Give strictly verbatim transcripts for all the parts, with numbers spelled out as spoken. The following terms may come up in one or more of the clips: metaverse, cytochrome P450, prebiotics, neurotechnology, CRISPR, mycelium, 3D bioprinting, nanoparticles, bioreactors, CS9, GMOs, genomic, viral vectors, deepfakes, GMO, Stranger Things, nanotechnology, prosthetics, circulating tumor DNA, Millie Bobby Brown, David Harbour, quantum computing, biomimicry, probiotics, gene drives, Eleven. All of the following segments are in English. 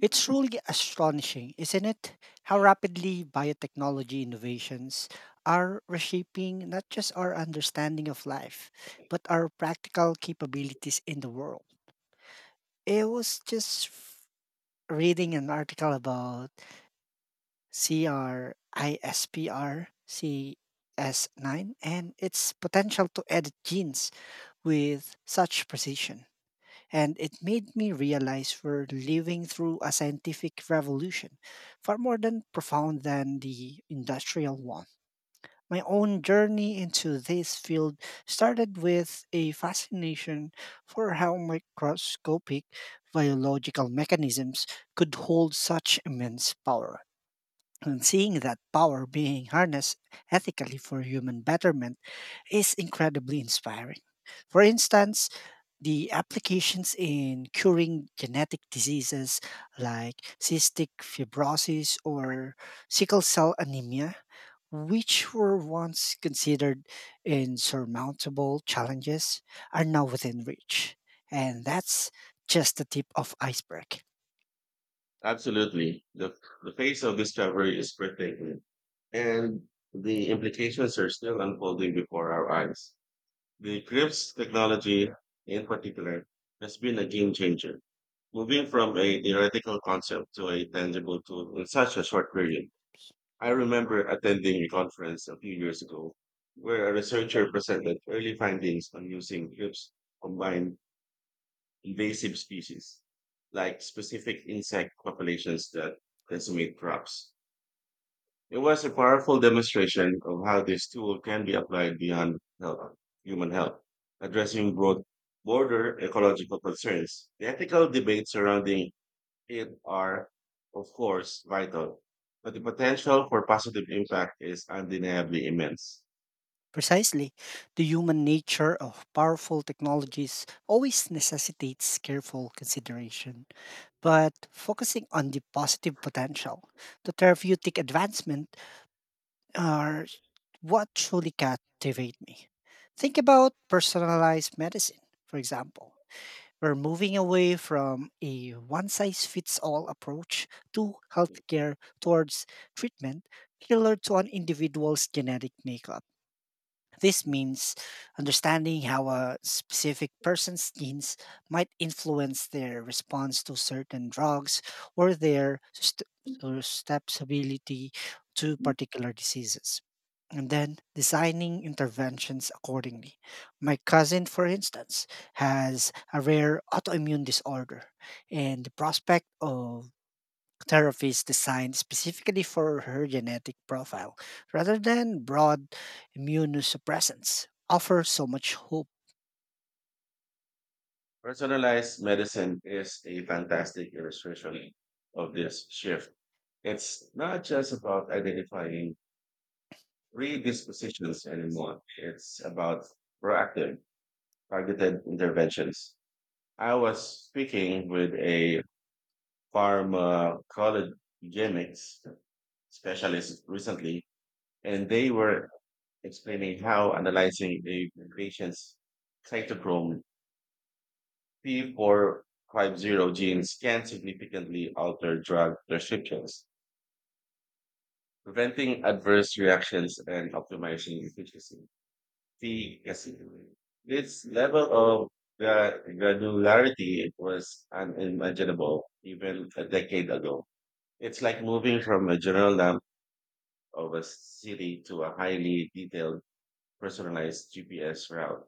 It's truly astonishing, isn't it? How rapidly biotechnology innovations are reshaping not just our understanding of life, but our practical capabilities in the world. It was just f- reading an article about CRISPR, C S nine, and its potential to edit genes with such precision. And it made me realize we're living through a scientific revolution, far more than profound than the industrial one. My own journey into this field started with a fascination for how microscopic biological mechanisms could hold such immense power. And seeing that power being harnessed ethically for human betterment is incredibly inspiring. For instance, the applications in curing genetic diseases like cystic fibrosis or sickle cell anemia, which were once considered insurmountable challenges, are now within reach. And that's just the tip of iceberg. Absolutely. The, the pace of discovery is breathtaking, and the implications are still unfolding before our eyes. The C R I P S technology, in particular, has been a game changer, moving from a theoretical concept to a tangible tool in such a short period. I remember attending a conference a few years ago where a researcher presented early findings on using C R I P S combined invasive species, like specific insect populations that decimate crops. It was a powerful demonstration of how this tool can be applied beyond health, human health, addressing broad border ecological concerns. The ethical debates surrounding it are, of course, vital, but the potential for positive impact is undeniably immense. Precisely, the human nature of powerful technologies always necessitates careful consideration. But focusing on the positive potential, the therapeutic advancement are what truly captivate me. Think about personalized medicine, for example. We're moving away from a one size fits all approach to healthcare towards treatment tailored to an individual's genetic makeup. This means understanding how a specific person's genes might influence their response to certain drugs or their susceptibility to particular diseases, and then designing interventions accordingly. My cousin, for instance, has a rare autoimmune disorder, and the prospect of therapies designed specifically for her genetic profile rather than broad immunosuppressants offers so much hope. Personalized medicine is a fantastic illustration of this shift. It's not just about identifying predispositions anymore. It's about proactive, targeted interventions. I was speaking with a pharmacologenics specialist recently, and they were explaining how analyzing a patient's cytochrome P four fifty genes can significantly alter drug prescriptions, preventing adverse reactions and optimizing efficiency. The yes, this level of gra- granularity it was unimaginable even a decade ago. It's like moving from a general map of a city to a highly detailed, personalized G P S route,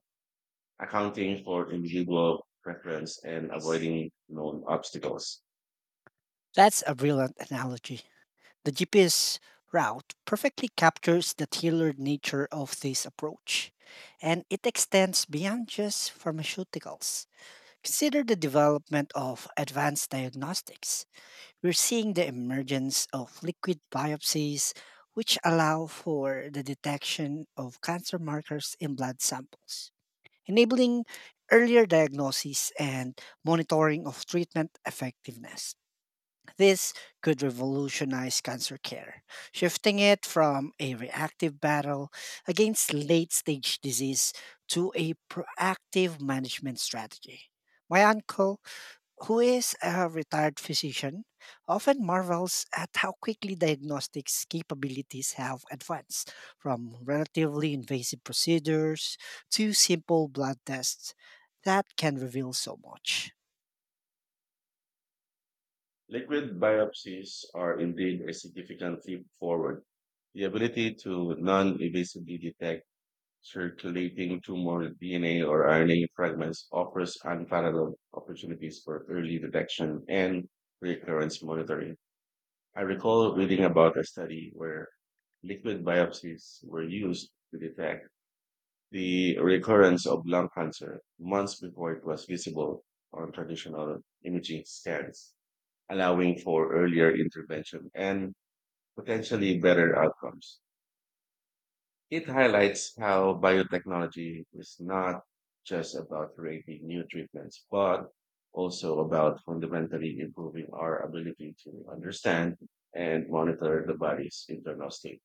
accounting for individual preference and avoiding known obstacles. That's a brilliant analogy. The G P S route perfectly captures the tailored nature of this approach, and it extends beyond just pharmaceuticals. Consider the development of advanced diagnostics. We're seeing the emergence of liquid biopsies, which allow for the detection of cancer markers in blood samples, enabling earlier diagnosis and monitoring of treatment effectiveness. This could revolutionize cancer care, shifting it from a reactive battle against late stage disease to a proactive management strategy. My uncle, who is a retired physician, often marvels at how quickly diagnostics capabilities have advanced from relatively invasive procedures to simple blood tests that can reveal so much. Liquid biopsies are indeed a significant leap forward. The ability to non-invasively detect circulating tumor D N A or R N A fragments offers unparalleled opportunities for early detection and recurrence monitoring. I recall reading about a study where liquid biopsies were used to detect the recurrence of lung cancer months before it was visible on traditional imaging scans, allowing for earlier intervention and potentially better outcomes. It highlights how biotechnology is not just about creating new treatments, but also about fundamentally improving our ability to understand and monitor the body's internal state.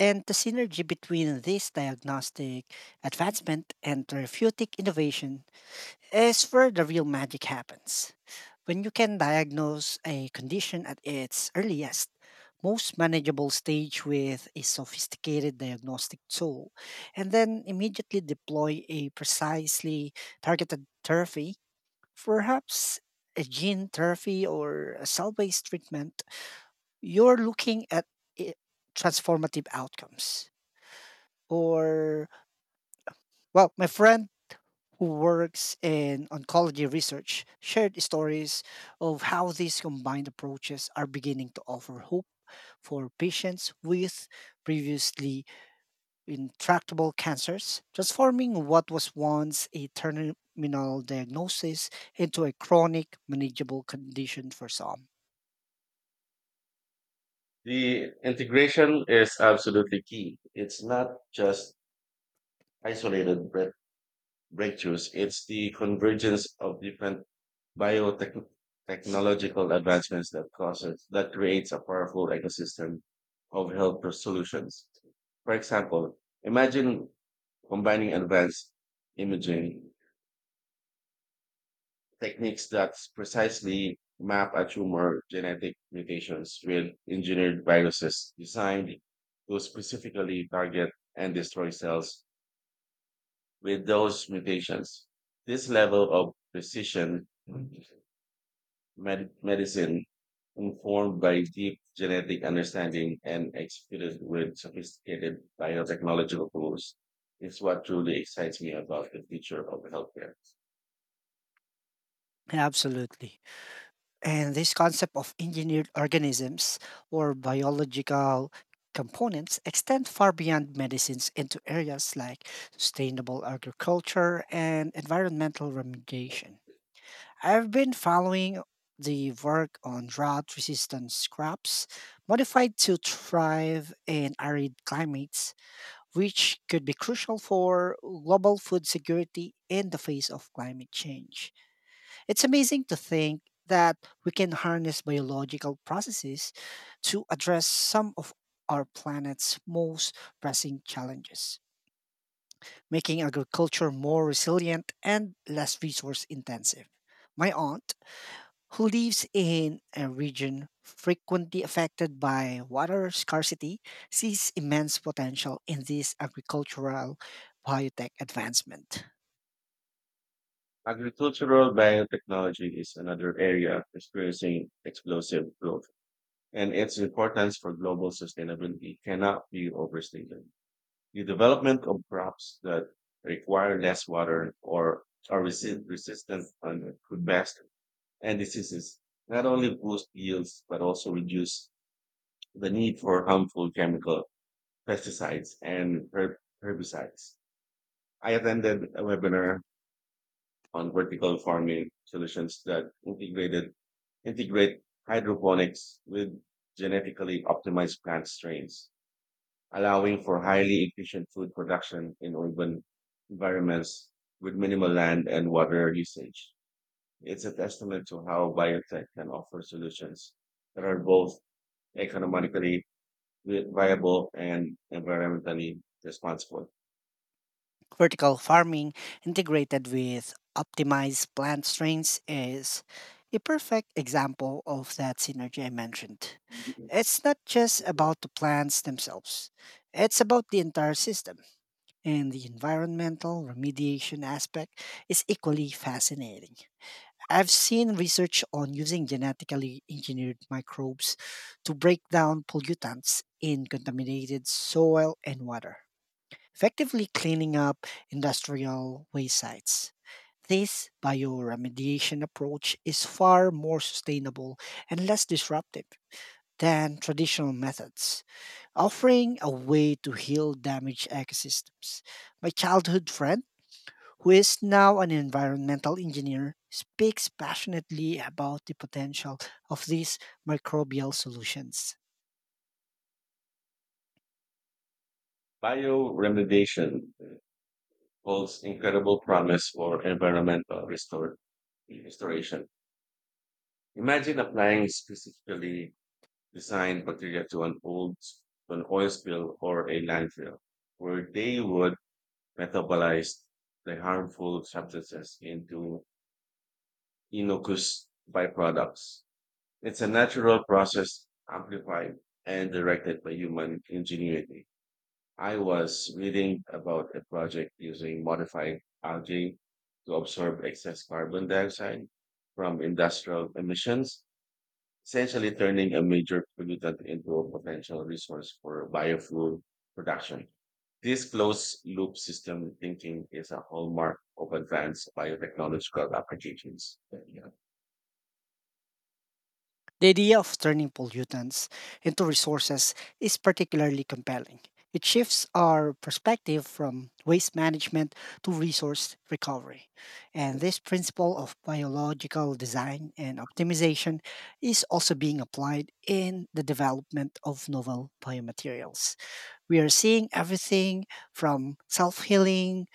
And the synergy between this diagnostic advancement and therapeutic innovation is where the real magic happens. When you can diagnose a condition at its earliest, most manageable stage with a sophisticated diagnostic tool, and then immediately deploy a precisely targeted therapy, perhaps a gene therapy or a cell based treatment, you're looking at i- transformative outcomes. Or well my friend who works in oncology research shared stories of how these combined approaches are beginning to offer hope for patients with previously intractable cancers, transforming what was once a terminal diagnosis into a chronic manageable condition for some. The integration is absolutely key. It's not just isolated break- breakthroughs, it's the convergence of different biotechnological advancements that causes that creates a powerful ecosystem of health solutions. For example, imagine combining advanced imaging techniques that precisely map a tumor genetic mutations with engineered viruses designed to specifically target and destroy cells with those mutations. This level of precision med- medicine informed by deep genetic understanding and executed with sophisticated biotechnological tools is what truly excites me about the future of healthcare. Absolutely. And this concept of engineered organisms or biological components extend far beyond medicines into areas like sustainable agriculture and environmental remediation. I've been following the work on drought resistant crops modified to thrive in arid climates, which could be crucial for global food security in the face of climate change. It's amazing to think that we can harness biological processes to address some of our planet's most pressing challenges, making agriculture more resilient and less resource intensive. My aunt, who lives in a region frequently affected by water scarcity, sees immense potential in this agricultural biotech advancement. Agricultural biotechnology is another area experiencing explosive growth, and its importance for global sustainability cannot be overstated. The development of crops that require less water or are resi- resistant on could best and diseases. Not only boost yields, but also reduce the need for harmful chemical pesticides and herb- herbicides. I attended a webinar on vertical farming solutions that integrated integrate hydroponics with genetically optimized plant strains, allowing for highly efficient food production in urban environments with minimal land and water usage. It's a testament to how biotech can offer solutions that are both economically vi- viable and environmentally responsible. Vertical farming integrated with optimized plant strains is a perfect example of that synergy I mentioned. It's not just about the plants themselves, it's about the entire system. And the environmental remediation aspect is equally fascinating. I've seen research on using genetically engineered microbes to break down pollutants in contaminated soil and water, effectively cleaning up industrial waste sites. This bioremediation approach is far more sustainable and less disruptive than traditional methods, offering a way to heal damaged ecosystems. My childhood friend, who is now an environmental engineer, speaks passionately about the potential of these microbial solutions. Bioremediation holds incredible promise for environmental restor- restoration. Imagine applying specifically designed bacteria to an old to an oil spill or a landfill, where they would metabolize the harmful substances into Inokuse byproducts. It's a natural process amplified and directed by human ingenuity. I was reading about a project using modified algae to absorb excess carbon dioxide from industrial emissions, essentially turning a major pollutant into a potential resource for biofuel production. This closed loop system thinking is a hallmark of advanced biotechnological applications. The idea of turning pollutants into resources is particularly compelling. It shifts our perspective from waste management to resource recovery. And this principle of biological design and optimization is also being applied in the development of novel biomaterials. We are seeing everything from self healing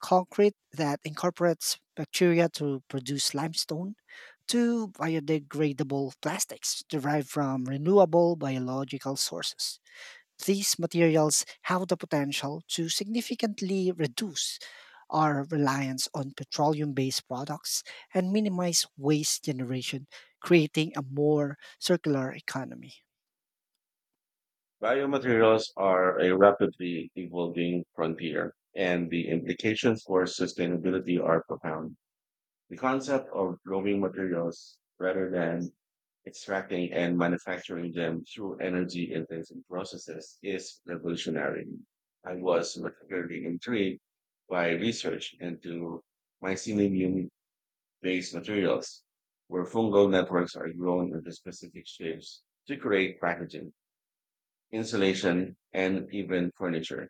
concrete that incorporates bacteria to produce limestone to biodegradable plastics derived from renewable biological sources. These materials have the potential to significantly reduce our reliance on petroleum based products and minimize waste generation, creating a more circular economy. Biomaterials are a rapidly evolving frontier, and the implications for sustainability are profound. The concept of growing materials rather than extracting and manufacturing them through energy intensive processes is revolutionary. I was particularly intrigued by research into mycelium based materials, where fungal networks are grown into specific shapes to create packaging insulation, and even furniture.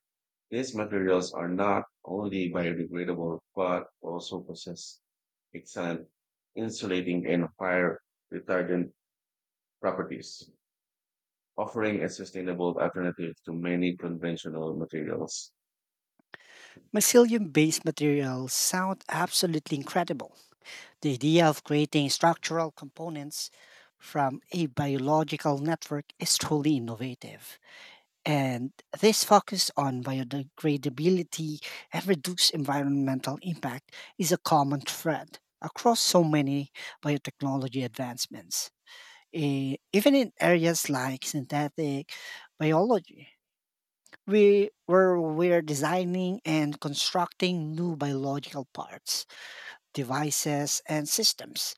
These materials are not only biodegradable but also possess excellent insulating and fire retardant properties, offering a sustainable alternative to many conventional materials. Mycelium-based materials sound absolutely incredible. The idea of creating structural components from a biological network is truly innovative. And this focus on biodegradability and reduced environmental impact is a common thread across so many biotechnology advancements, e- even in areas like synthetic biology. We were we're designing and constructing new biological parts, devices, and systems.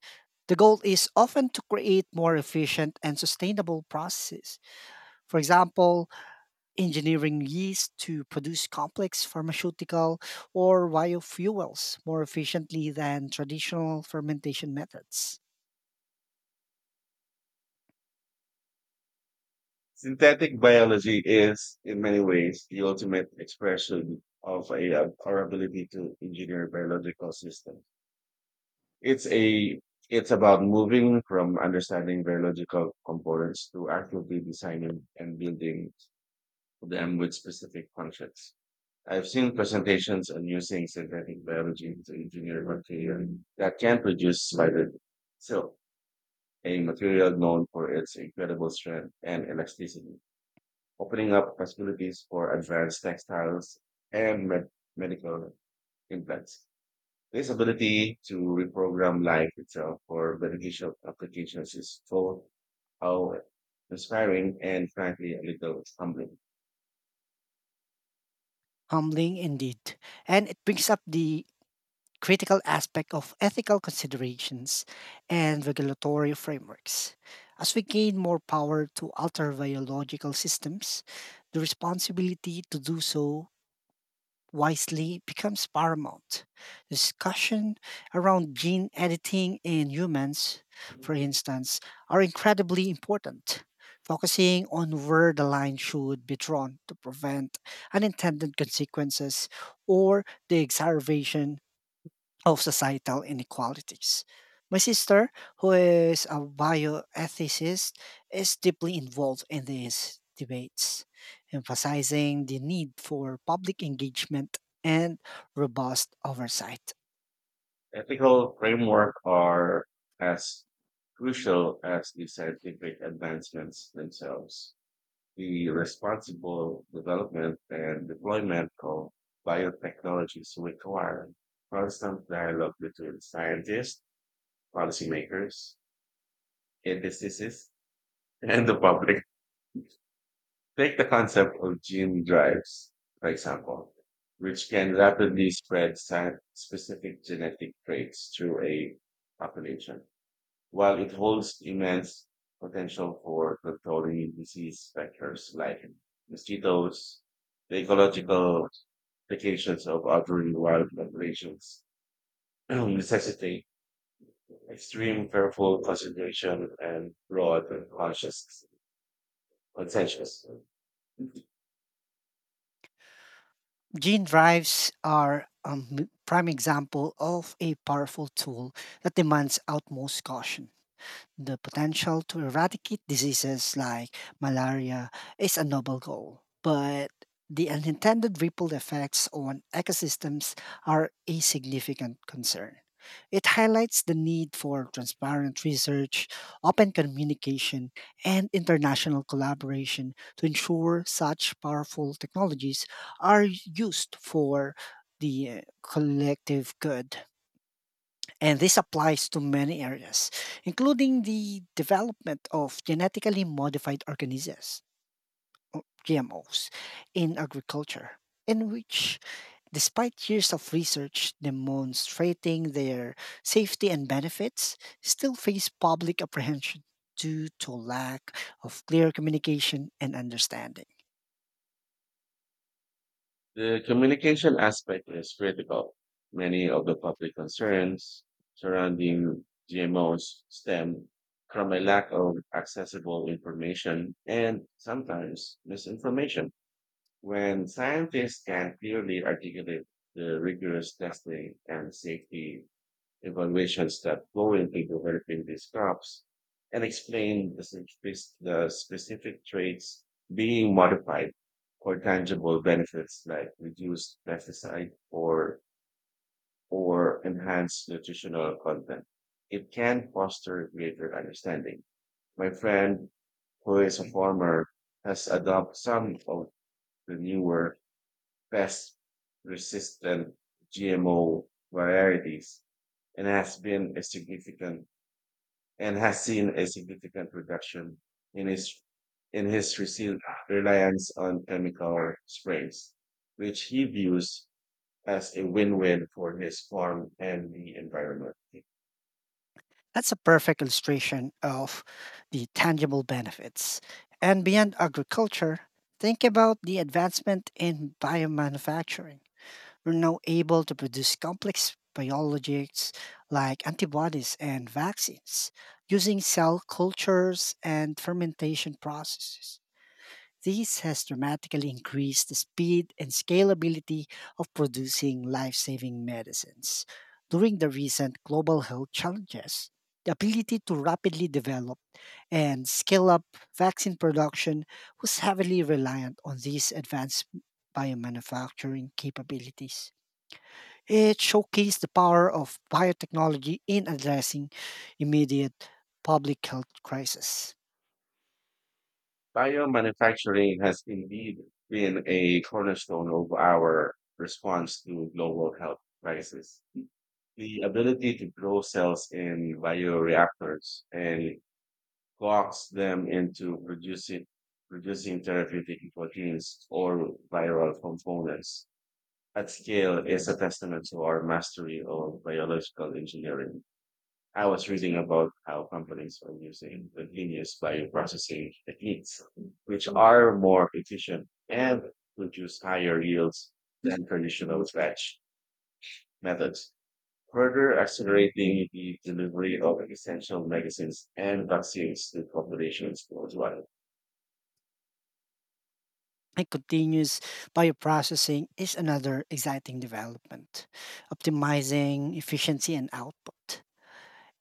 The goal is often to create more efficient and sustainable processes. For example, engineering yeast to produce complex pharmaceutical or biofuels more efficiently than traditional fermentation methods. Synthetic biology is, in many ways, the ultimate expression of a, uh, our ability to engineer biological systems. It's a it's about moving from understanding biological components to actively designing and building them with specific functions. I've seen presentations on using synthetic biology to engineer material that can produce spider silk, a material known for its incredible strength and elasticity, opening up possibilities for advanced textiles and med- medical implants. This ability to reprogram life itself for beneficial applications is so how inspiring and frankly a little humbling. Humbling indeed. And it brings up the critical aspect of ethical considerations and regulatory frameworks. As we gain more power to alter biological systems, the responsibility to do so wisely becomes paramount. Discussion around gene editing in humans, for instance, are incredibly important, focusing on where the line should be drawn to prevent unintended consequences or the exacerbation of societal inequalities. My sister, who is a bioethicist, is deeply involved in these debates, emphasizing the need for public engagement and robust oversight. Ethical framework are as crucial as the scientific advancements themselves. The responsible development and deployment of biotechnologies require constant dialogue between scientists, policymakers, industries, and the public. Take the concept of gene drives, for example, which can rapidly spread sa- specific genetic traits through a population, while it holds immense potential for controlling disease vectors like mosquitoes, the ecological implications of altering wild populations necessitate extreme careful consideration and broad and conscious consensus. Gene drives are a m- prime example of a powerful tool that demands utmost caution. The potential to eradicate diseases like malaria is a noble goal, but the unintended ripple effects on ecosystems are a significant concern. It highlights the need for transparent research, open communication, and international collaboration to ensure such powerful technologies are used for the uh, collective good. And this applies to many areas, including the development of genetically modified organisms, G M Os, in agriculture, in which, despite years of research demonstrating their safety and benefits, still face public apprehension due to lack of clear communication and understanding. The communication aspect is critical. Many of the public concerns surrounding G M Os stem from a lack of accessible information and sometimes misinformation. When scientists can clearly articulate the rigorous testing and safety evaluations that go into developing these crops and explain the, spec- the specific traits being modified for tangible benefits like reduced pesticide or or enhanced nutritional content. It can foster greater understanding. My friend, who is a farmer, has adopted some of the newer pest resistant G M O varieties and has been a significant and has seen a significant reduction in his in his resi- reliance on chemical sprays, which he views as a win-win for his farm and the environment. That's a perfect illustration of the tangible benefits. And beyond agriculture, think about the advancement in biomanufacturing. We're now able to produce complex biologics like antibodies and vaccines using cell cultures and fermentation processes. This has dramatically increased the speed and scalability of producing life saving medicines. During the recent global health challenges, the ability to rapidly develop and scale up vaccine production was heavily reliant on these advanced biomanufacturing capabilities. It showcased the power of biotechnology in addressing immediate public health crisis. Biomanufacturing has indeed been a cornerstone of our response to global health crisis. The ability to grow cells in bioreactors and coax them into producing producing therapeutic proteins or viral components at scale is a testament to our mastery of biological engineering. I was reading about how companies are using continuous bioprocessing techniques, which are more efficient and produce higher yields than traditional batch methods, further accelerating the delivery of essential medicines and vaccines to populations worldwide. And continuous bioprocessing is another exciting development, optimizing efficiency and output.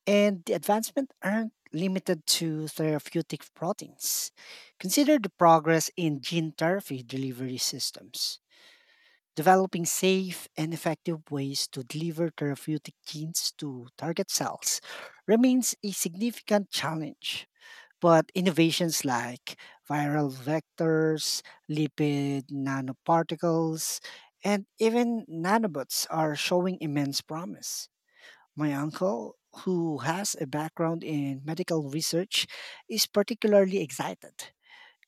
And the advancement aren't limited to therapeutic proteins. Consider the progress in gene therapy delivery systems. Developing safe and effective ways to deliver therapeutic genes to target cells remains a significant challenge. But innovations like viral vectors, lipid nanoparticles, and even nanobots are showing immense promise. My uncle, who has a background in medical research, is particularly excited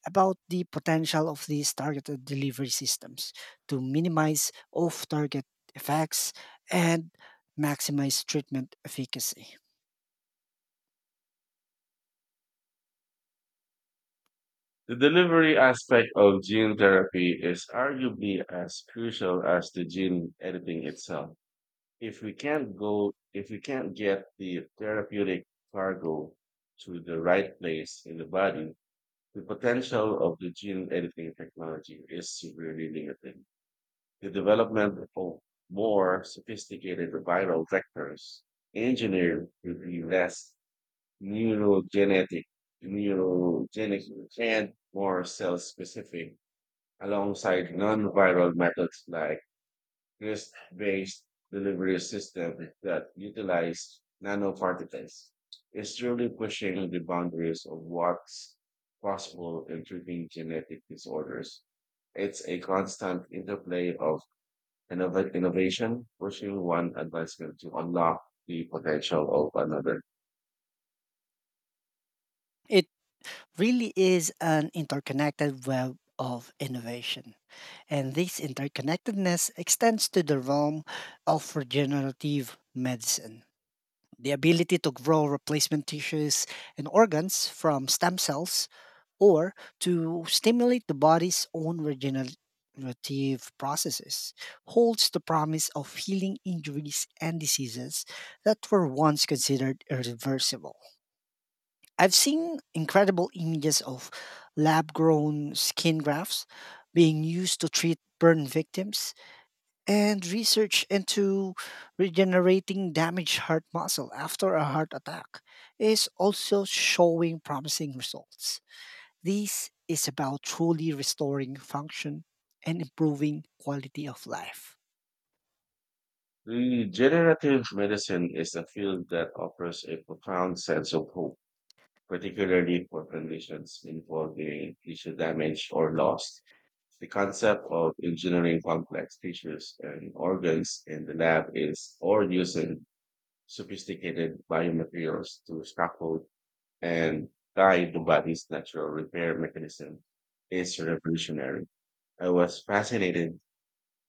about the potential of these targeted delivery systems to minimize off target effects and maximize treatment efficacy. The delivery aspect of gene therapy is arguably as crucial as the gene editing itself. If we can't go, if we can't get the therapeutic cargo to the right place in the body, the potential of the gene editing technology is severely limited. The development of more sophisticated viral vectors engineered to be less neurogenetic, neurogenic and more cell specific, alongside non-viral methods like risk-based delivery systems that utilize nanoparticles. It's truly pushing the boundaries of what's possible in treating genetic disorders. It's a constant interplay of innova- innovation, pushing one advancement to unlock the potential of another. It really is an interconnected web of innovation. And this interconnectedness extends to the realm of regenerative medicine. The ability to grow replacement tissues and organs from stem cells, or to stimulate the body's own regenerative processes, holds the promise of healing injuries and diseases that were once considered irreversible. I've seen incredible images of lab grown skin grafts being used to treat burn victims, and research into regenerating damaged heart muscle after a heart attack is also showing promising results. This is about truly restoring function and improving quality of life. Regenerative medicine is a field that offers a profound sense of hope, particularly for conditions involving tissue damage or loss. The concept of engineering complex tissues and organs in the lab is, or using sophisticated biomaterials to scaffold and guide the body's natural repair mechanism is revolutionary. I was fascinated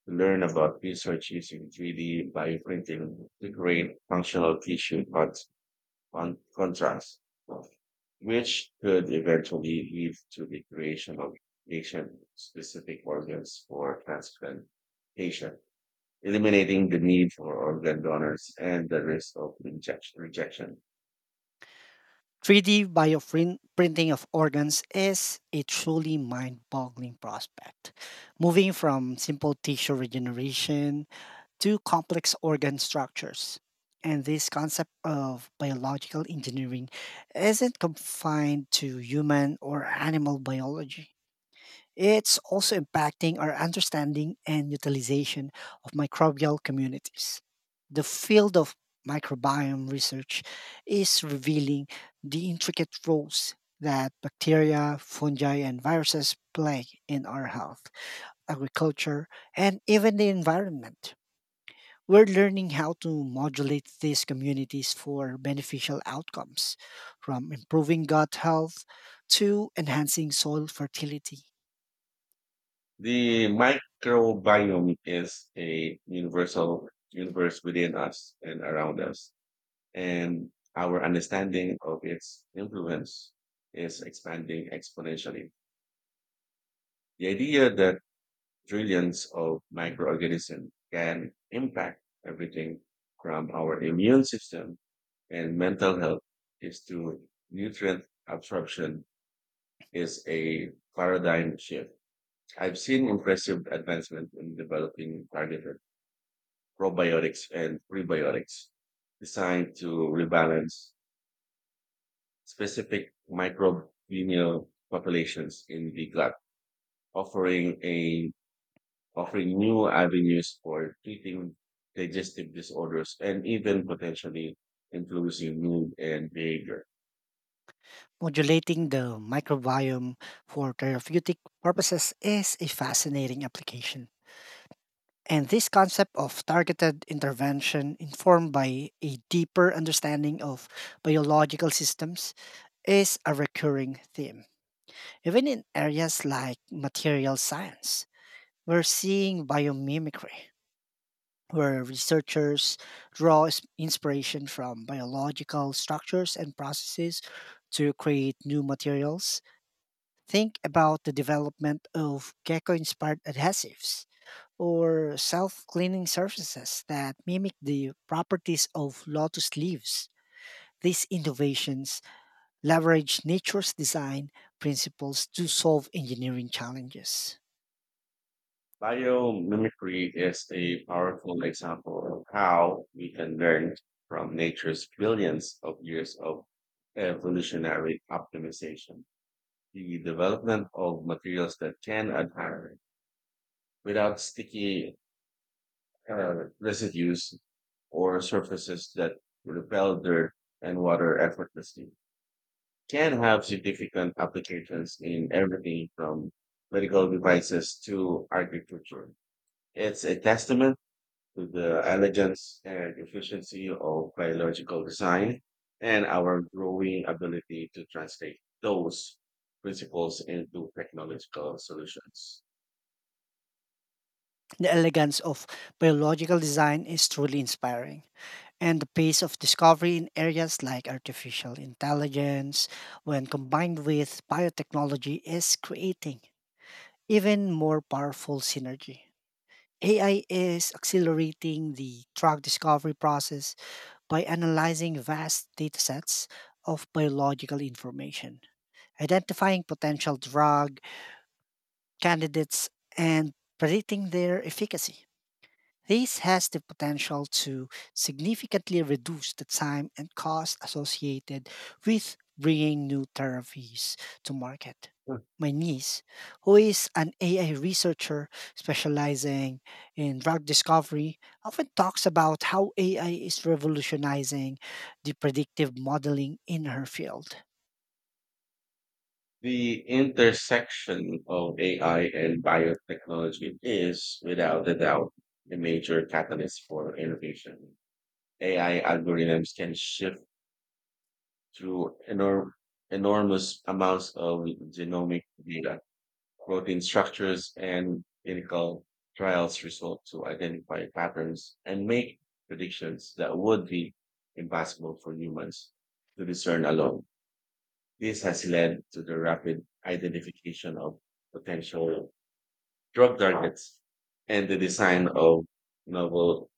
to learn about research using three D bioprinting to create functional tissue con- con- contrast, which could eventually lead to the creation of patient-specific organs for transplantation, eliminating the need for organ donors and the risk of rejection. rejection. three D bioprinting of organs is a truly mind boggling prospect. Moving from simple tissue regeneration to complex organ structures. And this concept of biological engineering isn't confined to human or animal biology. It's also impacting our understanding and utilization of microbial communities. The field of microbiome research is revealing the intricate roles that bacteria, fungi, and viruses play in our health, agriculture, and even the environment. We're learning how to modulate these communities for beneficial outcomes, from improving gut health to enhancing soil fertility. The microbiome is a universal universe within us and around us, and our understanding of its influence is expanding exponentially. The idea that trillions of microorganisms can impact everything from our immune system and mental health is to nutrient absorption is a paradigm shift. I've seen impressive advancement in developing targeted probiotics and prebiotics designed to rebalance specific microbial populations in the gut, offering a offering new avenues for treating digestive disorders and even potentially influencing mood and behavior. Modulating the microbiome for therapeutic purposes is a fascinating application. And this concept of targeted intervention, informed by a deeper understanding of biological systems, is a recurring theme. Even in areas like material science, we're seeing biomimicry, where researchers draw is- inspiration from biological structures and processes to create new materials. Think about the development of gecko inspired adhesives or self cleaning surfaces that mimic the properties of lotus leaves. These innovations leverage nature's design principles to solve engineering challenges. Biomimicry is a powerful example of how we can learn from nature's billions of years of evolutionary optimization. The development of materials that can adhere without sticky uh, residues or surfaces that repel dirt and water effortlessly can have significant applications in everything from medical devices to agriculture. It's a testament to the elegance and efficiency of biological design and our growing ability to translate those principles into technological solutions. The elegance of biological design is truly inspiring, and the pace of discovery in areas like artificial intelligence, when combined with biotechnology, is creating even more powerful synergy. A I is accelerating the drug discovery process by analyzing vast datasets of biological information, identifying potential drug candidates, and predicting their efficacy. This has the potential to significantly reduce the time and cost associated with bringing new therapies to market. My niece, who is an A I researcher specializing in drug discovery, often talks about how A I is revolutionizing the predictive modeling in her field. The intersection of A I and biotechnology is, without a doubt, a major catalyst for innovation. A I algorithms can shift through enor- enormous amounts of genomic data, protein structures, and clinical trials results to identify patterns and make predictions that would be impossible for humans to discern alone. This has led to the rapid identification of potential drug targets and the design of novel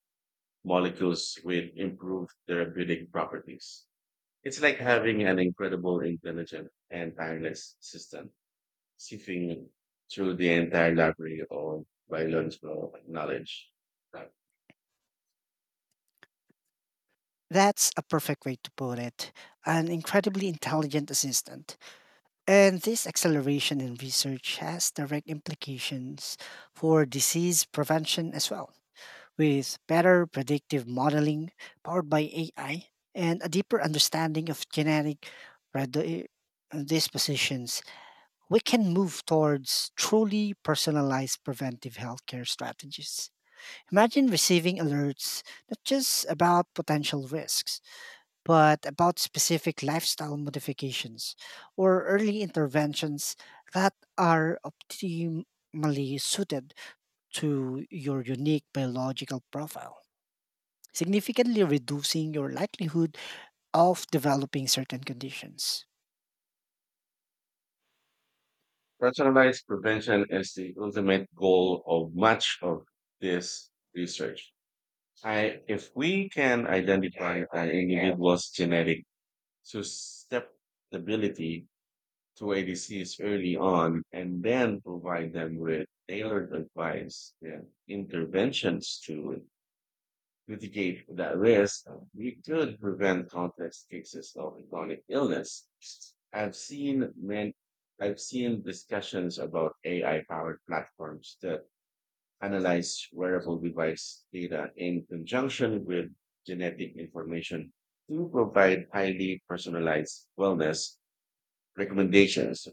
molecules with improved therapeutic properties. It's like having an incredible, intelligent, and tireless system sifting through the entire library of biological knowledge. That's a perfect way to put it. An incredibly intelligent assistant. And this acceleration in research has direct implications for disease prevention as well. With better predictive modeling powered by A I and a deeper understanding of genetic predi- uh, dispositions, we can move towards truly personalized preventive healthcare strategies. Imagine receiving alerts not just about potential risks, but about specific lifestyle modifications or early interventions that are optimally suited to your unique biological profile, significantly reducing your likelihood of developing certain conditions. Personalized prevention is the ultimate goal of much of this research. I, if we can identify an individual's genetic susceptibility to a disease early on and then provide them with tailored advice and interventions to mitigate that risk, we could prevent complex cases of chronic illness. I've seen men, I've seen discussions about A I powered platforms that analyze wearable device data in conjunction with genetic information to provide highly personalized wellness recommendations.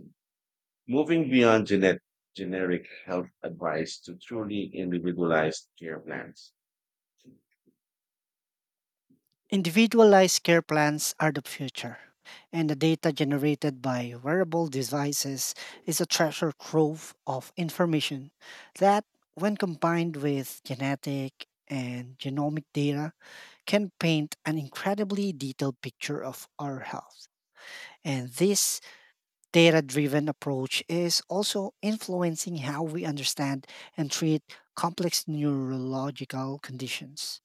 Moving beyond genet- generic health advice to truly individualized care plans. Individualized care plans are the future, and the data generated by wearable devices is a treasure trove of information that, when combined with genetic and genomic data, can paint an incredibly detailed picture of our health. And this data driven approach is also influencing how we understand and treat complex neurological conditions.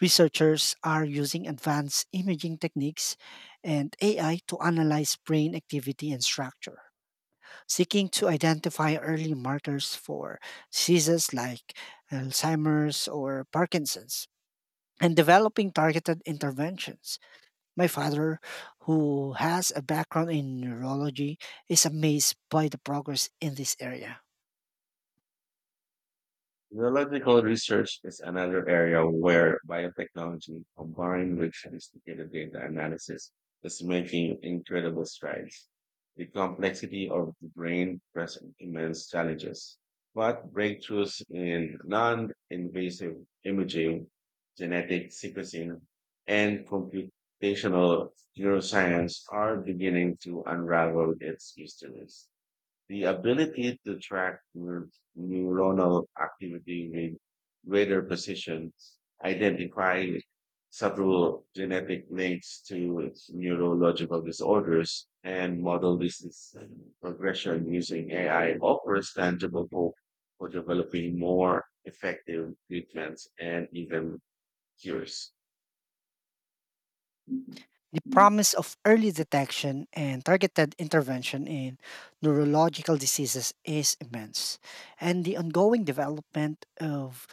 Researchers are using advanced imaging techniques and A I to analyze brain activity and structure, seeking to identify early markers for diseases like Alzheimer's or Parkinson's and developing targeted interventions. My father, who has a background in neurology, is amazed by the progress in this area. Biological research is another area where biotechnology, combined with sophisticated data analysis, is making incredible strides. The complexity of the brain presents immense challenges, but breakthroughs in non-invasive imaging, genetic sequencing, and computational neuroscience are beginning to unravel its mysteries. The ability to track neur- neuronal activity with radar precision, identifying subtle genetic links to neurological disorders, and model disease progression using A I offers tangible hope for developing more effective treatments and even cures. The promise of early detection and targeted intervention in neurological diseases is immense, and the ongoing development of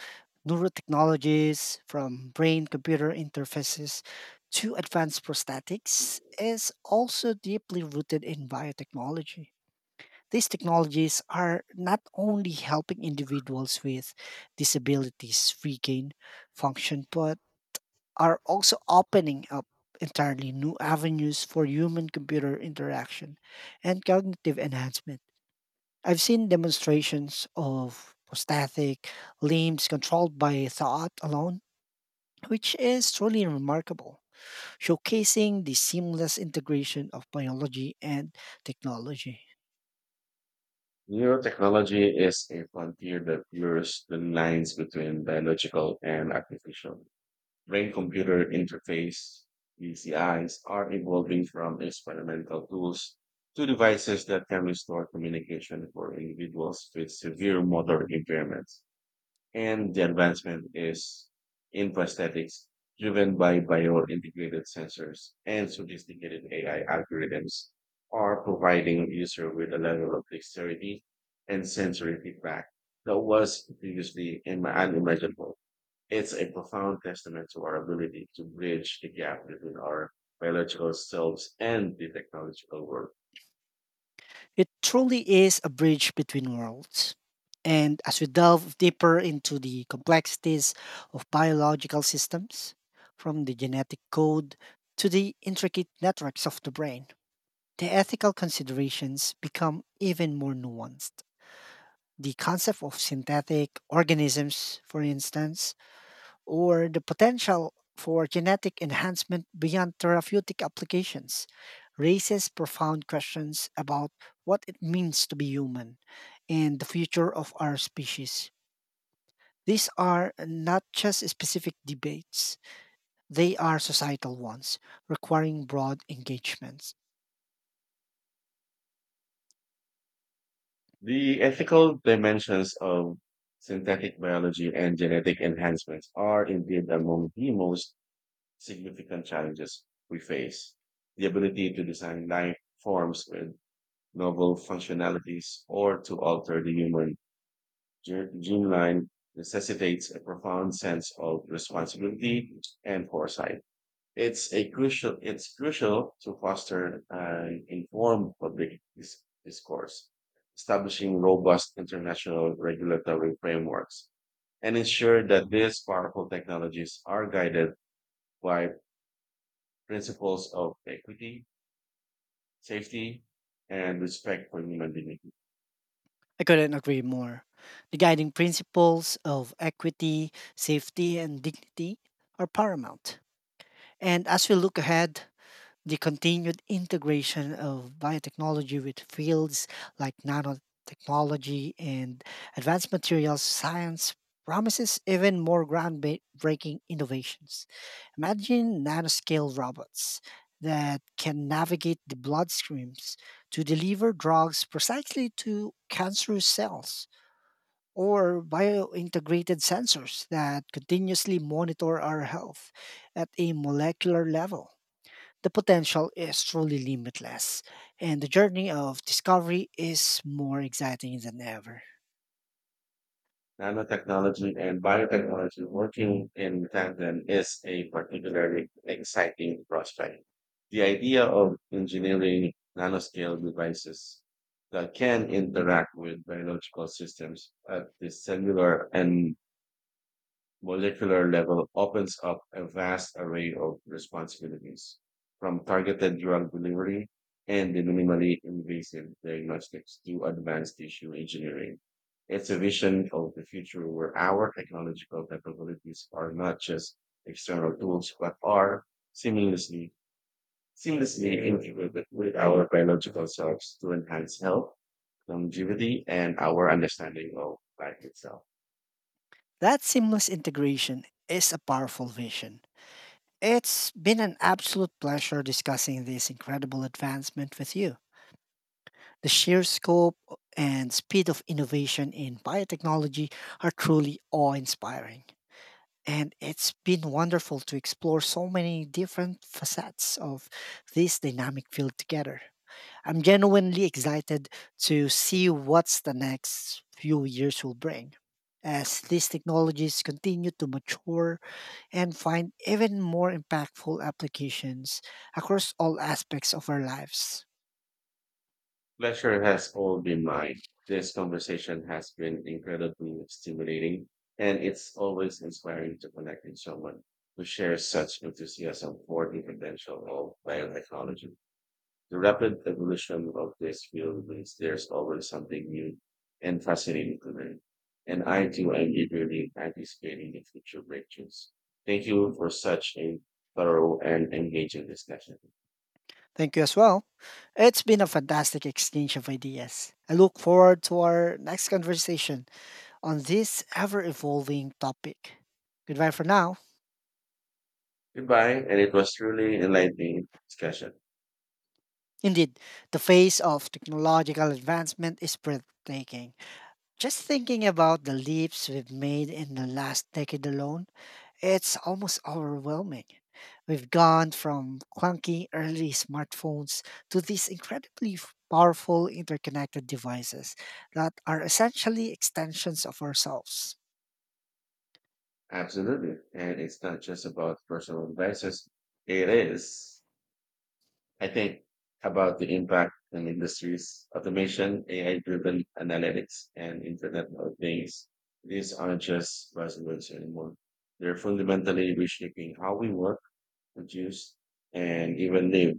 neurotechnologies from brain computer interfaces to advanced prosthetics is also deeply rooted in biotechnology. These technologies are not only helping individuals with disabilities regain function, but are also opening up entirely new avenues for human computer interaction and cognitive enhancement. I've seen demonstrations of prosthetic limbs controlled by thought alone, which is truly remarkable, showcasing the seamless integration of biology and technology. Neurotechnology is a frontier that blurs the lines between biological and artificial. Brain computer interface B C Is are evolving from experimental tools to devices that can restore communication for individuals with severe motor impairments. And the advancement is in prosthetics driven by bio-integrated sensors and sophisticated A I algorithms are providing user with a level of dexterity and sensory feedback that was previously im- unimaginable. It's a profound testament to our ability to bridge the gap between our biological selves and the technological world. It truly is a bridge between worlds. And as we delve deeper into the complexities of biological systems, from the genetic code to the intricate networks of the brain, the ethical considerations become even more nuanced. The concept of synthetic organisms, for instance, or the potential for genetic enhancement beyond therapeutic applications raises profound questions about what it means to be human and the future of our species. These are not just specific debates, they are societal ones, requiring broad engagements. The ethical dimensions of synthetic biology and genetic enhancements are indeed among the most significant challenges we face. The ability to design life forms with novel functionalities or to alter the human gen- gene line necessitates a profound sense of responsibility and foresight. It's a crucial. It's crucial to foster an informed public dis- discourse, establishing robust international regulatory frameworks, and ensure that these powerful technologies are guided by principles of equity, safety, and respect for human dignity. I couldn't agree more. The guiding principles of equity, safety, and dignity are paramount. And as we look ahead, the continued integration of biotechnology with fields like nanotechnology and advanced materials science promises even more groundbreaking innovations. Imagine nanoscale robots that can navigate the bloodstreams to deliver drugs precisely to cancerous cells, or biointegrated sensors that continuously monitor our health at a molecular level. The potential is truly limitless, and the journey of discovery is more exciting than ever. Nanotechnology and biotechnology working in tandem is a particularly exciting prospect. The idea of engineering nanoscale devices that can interact with biological systems at the cellular and molecular level opens up a vast array of responsibilities, from targeted drug delivery and the minimally invasive diagnostics to advanced tissue engineering. It's a vision of the future where our technological capabilities are not just external tools, but are seamlessly, seamlessly integrated with our biological selves to enhance health, longevity, and our understanding of life itself. That seamless integration is a powerful vision. It's been an absolute pleasure discussing this incredible advancement with you. The sheer scope and speed of innovation in biotechnology are truly awe inspiring. And it's been wonderful to explore so many different facets of this dynamic field together. I'm genuinely excited to see what's the next few years will bring, as these technologies continue to mature and find even more impactful applications across all aspects of our lives. Pleasure has all been mine. This conversation has been incredibly stimulating, and it's always inspiring to connect with someone who shares such enthusiasm for the potential of biotechnology. The rapid evolution of this field means there's always something new and fascinating to learn, and I too am eagerly anticipating the future breakthroughs. Thank you for such a thorough and engaging discussion. Thank you as well. It's been a fantastic exchange of ideas. I look forward to our next conversation on this ever evolving topic. Goodbye for now. Goodbye, and it was truly enlightening discussion. Indeed, the phase of technological advancement is breathtaking. Just thinking about the leaps we've made in the last decade alone, it's almost overwhelming. We've gone from clunky early smartphones to these incredibly f- powerful interconnected devices that are essentially extensions of ourselves. Absolutely. And it's not just about personal devices. It is, I think, about the impact in industries, automation, A I driven analytics, and Internet of Things. These aren't just buzzwords anymore. They're fundamentally reshaping how we work, produce, and even live.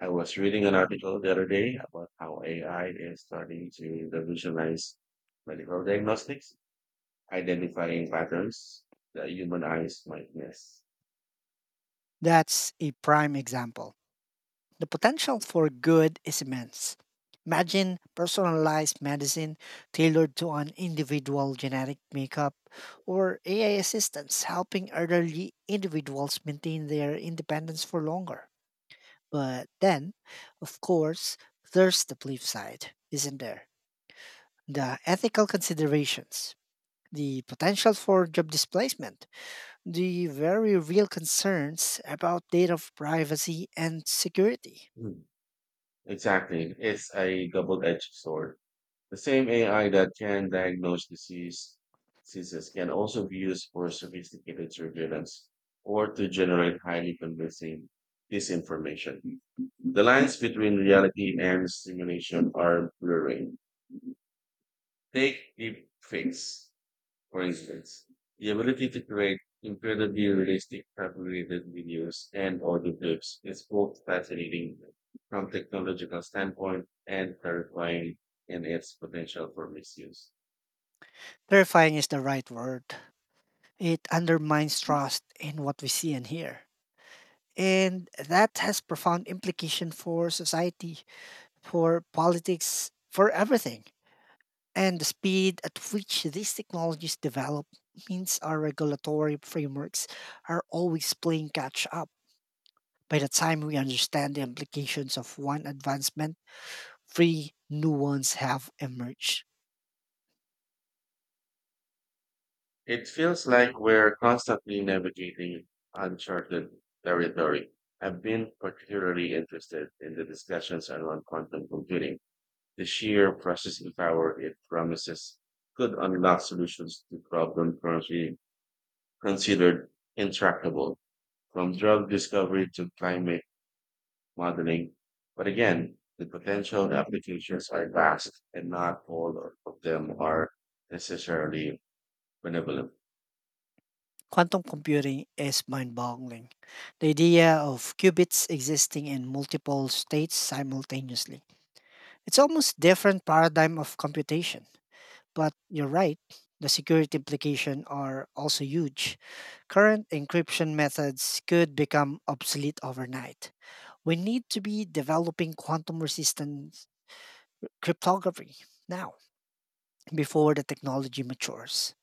I was reading an article the other day about how A I is starting to revolutionize medical diagnostics, identifying patterns that human eyes might miss. That's a prime example. The potential for good is immense. Imagine personalized medicine tailored to an individual genetic makeup or A I assistants helping elderly individuals maintain their independence for longer. But then, of course, there's the flip side, isn't there? The ethical considerations, the potential for job displacement, the very real concerns about data privacy and security. Mm, Exactly. It's a double-edged sword. The same A I that can diagnose disease, diseases can also be used for sophisticated surveillance or to generate highly convincing disinformation. The lines between reality and simulation are blurring. Take deep fakes for instance, the ability to create incredibly realistic fabricated videos and audio clips is both fascinating from technological standpoint and terrifying in its potential for misuse. Terrifying is the right word. It undermines trust in what we see and hear. And that has profound implication for society, for politics, for everything. And the speed at which these technologies develop means our regulatory frameworks are always playing catch up. By the time we understand the implications of one advancement, three new ones have emerged. It feels like we're constantly navigating uncharted territory. I've been particularly interested in the discussions around quantum computing, the sheer processing power it promises could unlock solutions to problem currently considered intractable, from drug discovery to climate modeling. But again, the potential applications are vast and not all of them are necessarily benevolent. Quantum computing is mind boggling. The idea of qubits existing in multiple states simultaneously. It's almost different paradigm of computation. But you're right, the security implications are also huge. Current encryption methods could become obsolete overnight. We need to be developing quantum resistant cryptography now before the technology matures.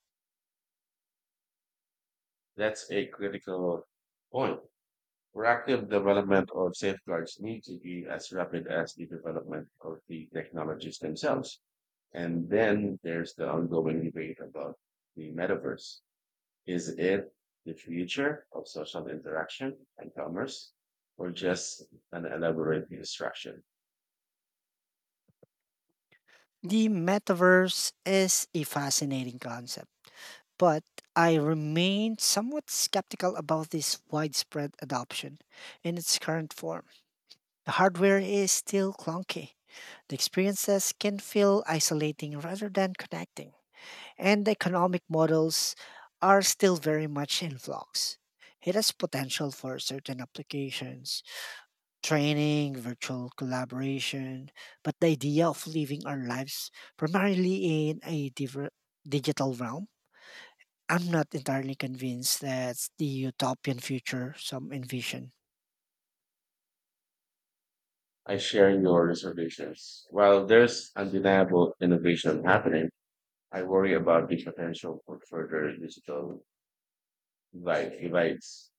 That's a critical point. Proactive development of safeguards need to be as rapid as the development of the technologies themselves. And then there's the ongoing debate about the metaverse. Is it the future of social interaction and commerce, or just an elaborate distraction? The metaverse is a fascinating concept, but I remain somewhat skeptical about this widespread adoption in its current form. The hardware is still clunky, the experiences can feel isolating rather than connecting, and the economic models are still very much in flux. It has potential for certain applications, training, virtual collaboration, but the idea of living our lives primarily in a diver- digital realm, I'm not entirely convinced that's the utopian future some envision. I share your reservations. While there's undeniable innovation happening, I worry about the potential for further digital divide- divides.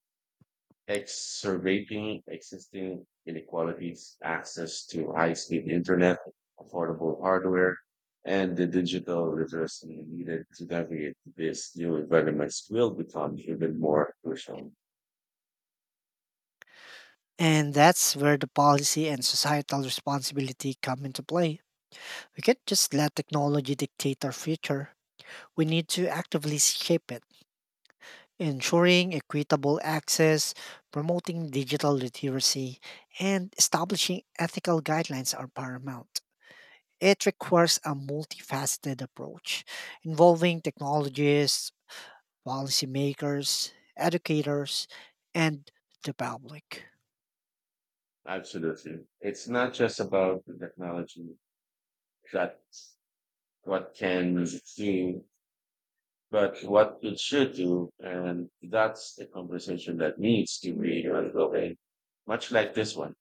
Exacerbating existing inequalities, access to high-speed internet, affordable hardware, and the digital literacy needed to navigate these new environments will become even more crucial. And that's where the policy and societal responsibility come into play. We can't just let technology dictate our future. We need to actively shape it, ensuring equitable access, promoting digital literacy, and establishing ethical guidelines are paramount. It requires a multifaceted approach involving technologists, policymakers, educators, and the public. Absolutely. It's not just about the technology that what can do, but what it should do. And that's the conversation that needs to be ongoing, much like this one.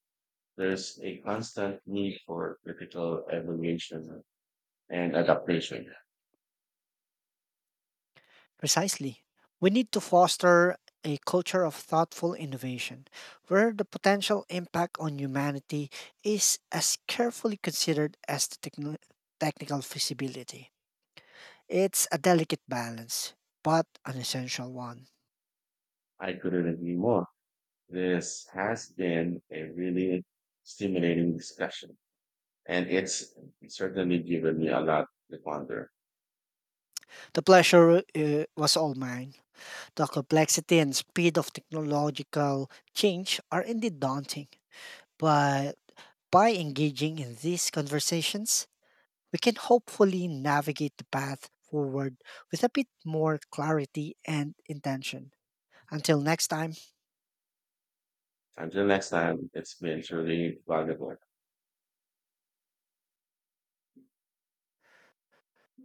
There's a constant need for critical evaluation and adaptation. Precisely. We need to foster a culture of thoughtful innovation where the potential impact on humanity is as carefully considered as the techno- technical feasibility. It's a delicate balance, but an essential one. I couldn't agree more. This has been a really stimulating discussion, and it's certainly given me a lot to ponder. The pleasure uh, was all mine. The complexity and speed of technological change are indeed daunting, but by engaging in these conversations, we can hopefully navigate the path forward with a bit more clarity and intention. Until next time, Until next time, it's been truly valuable.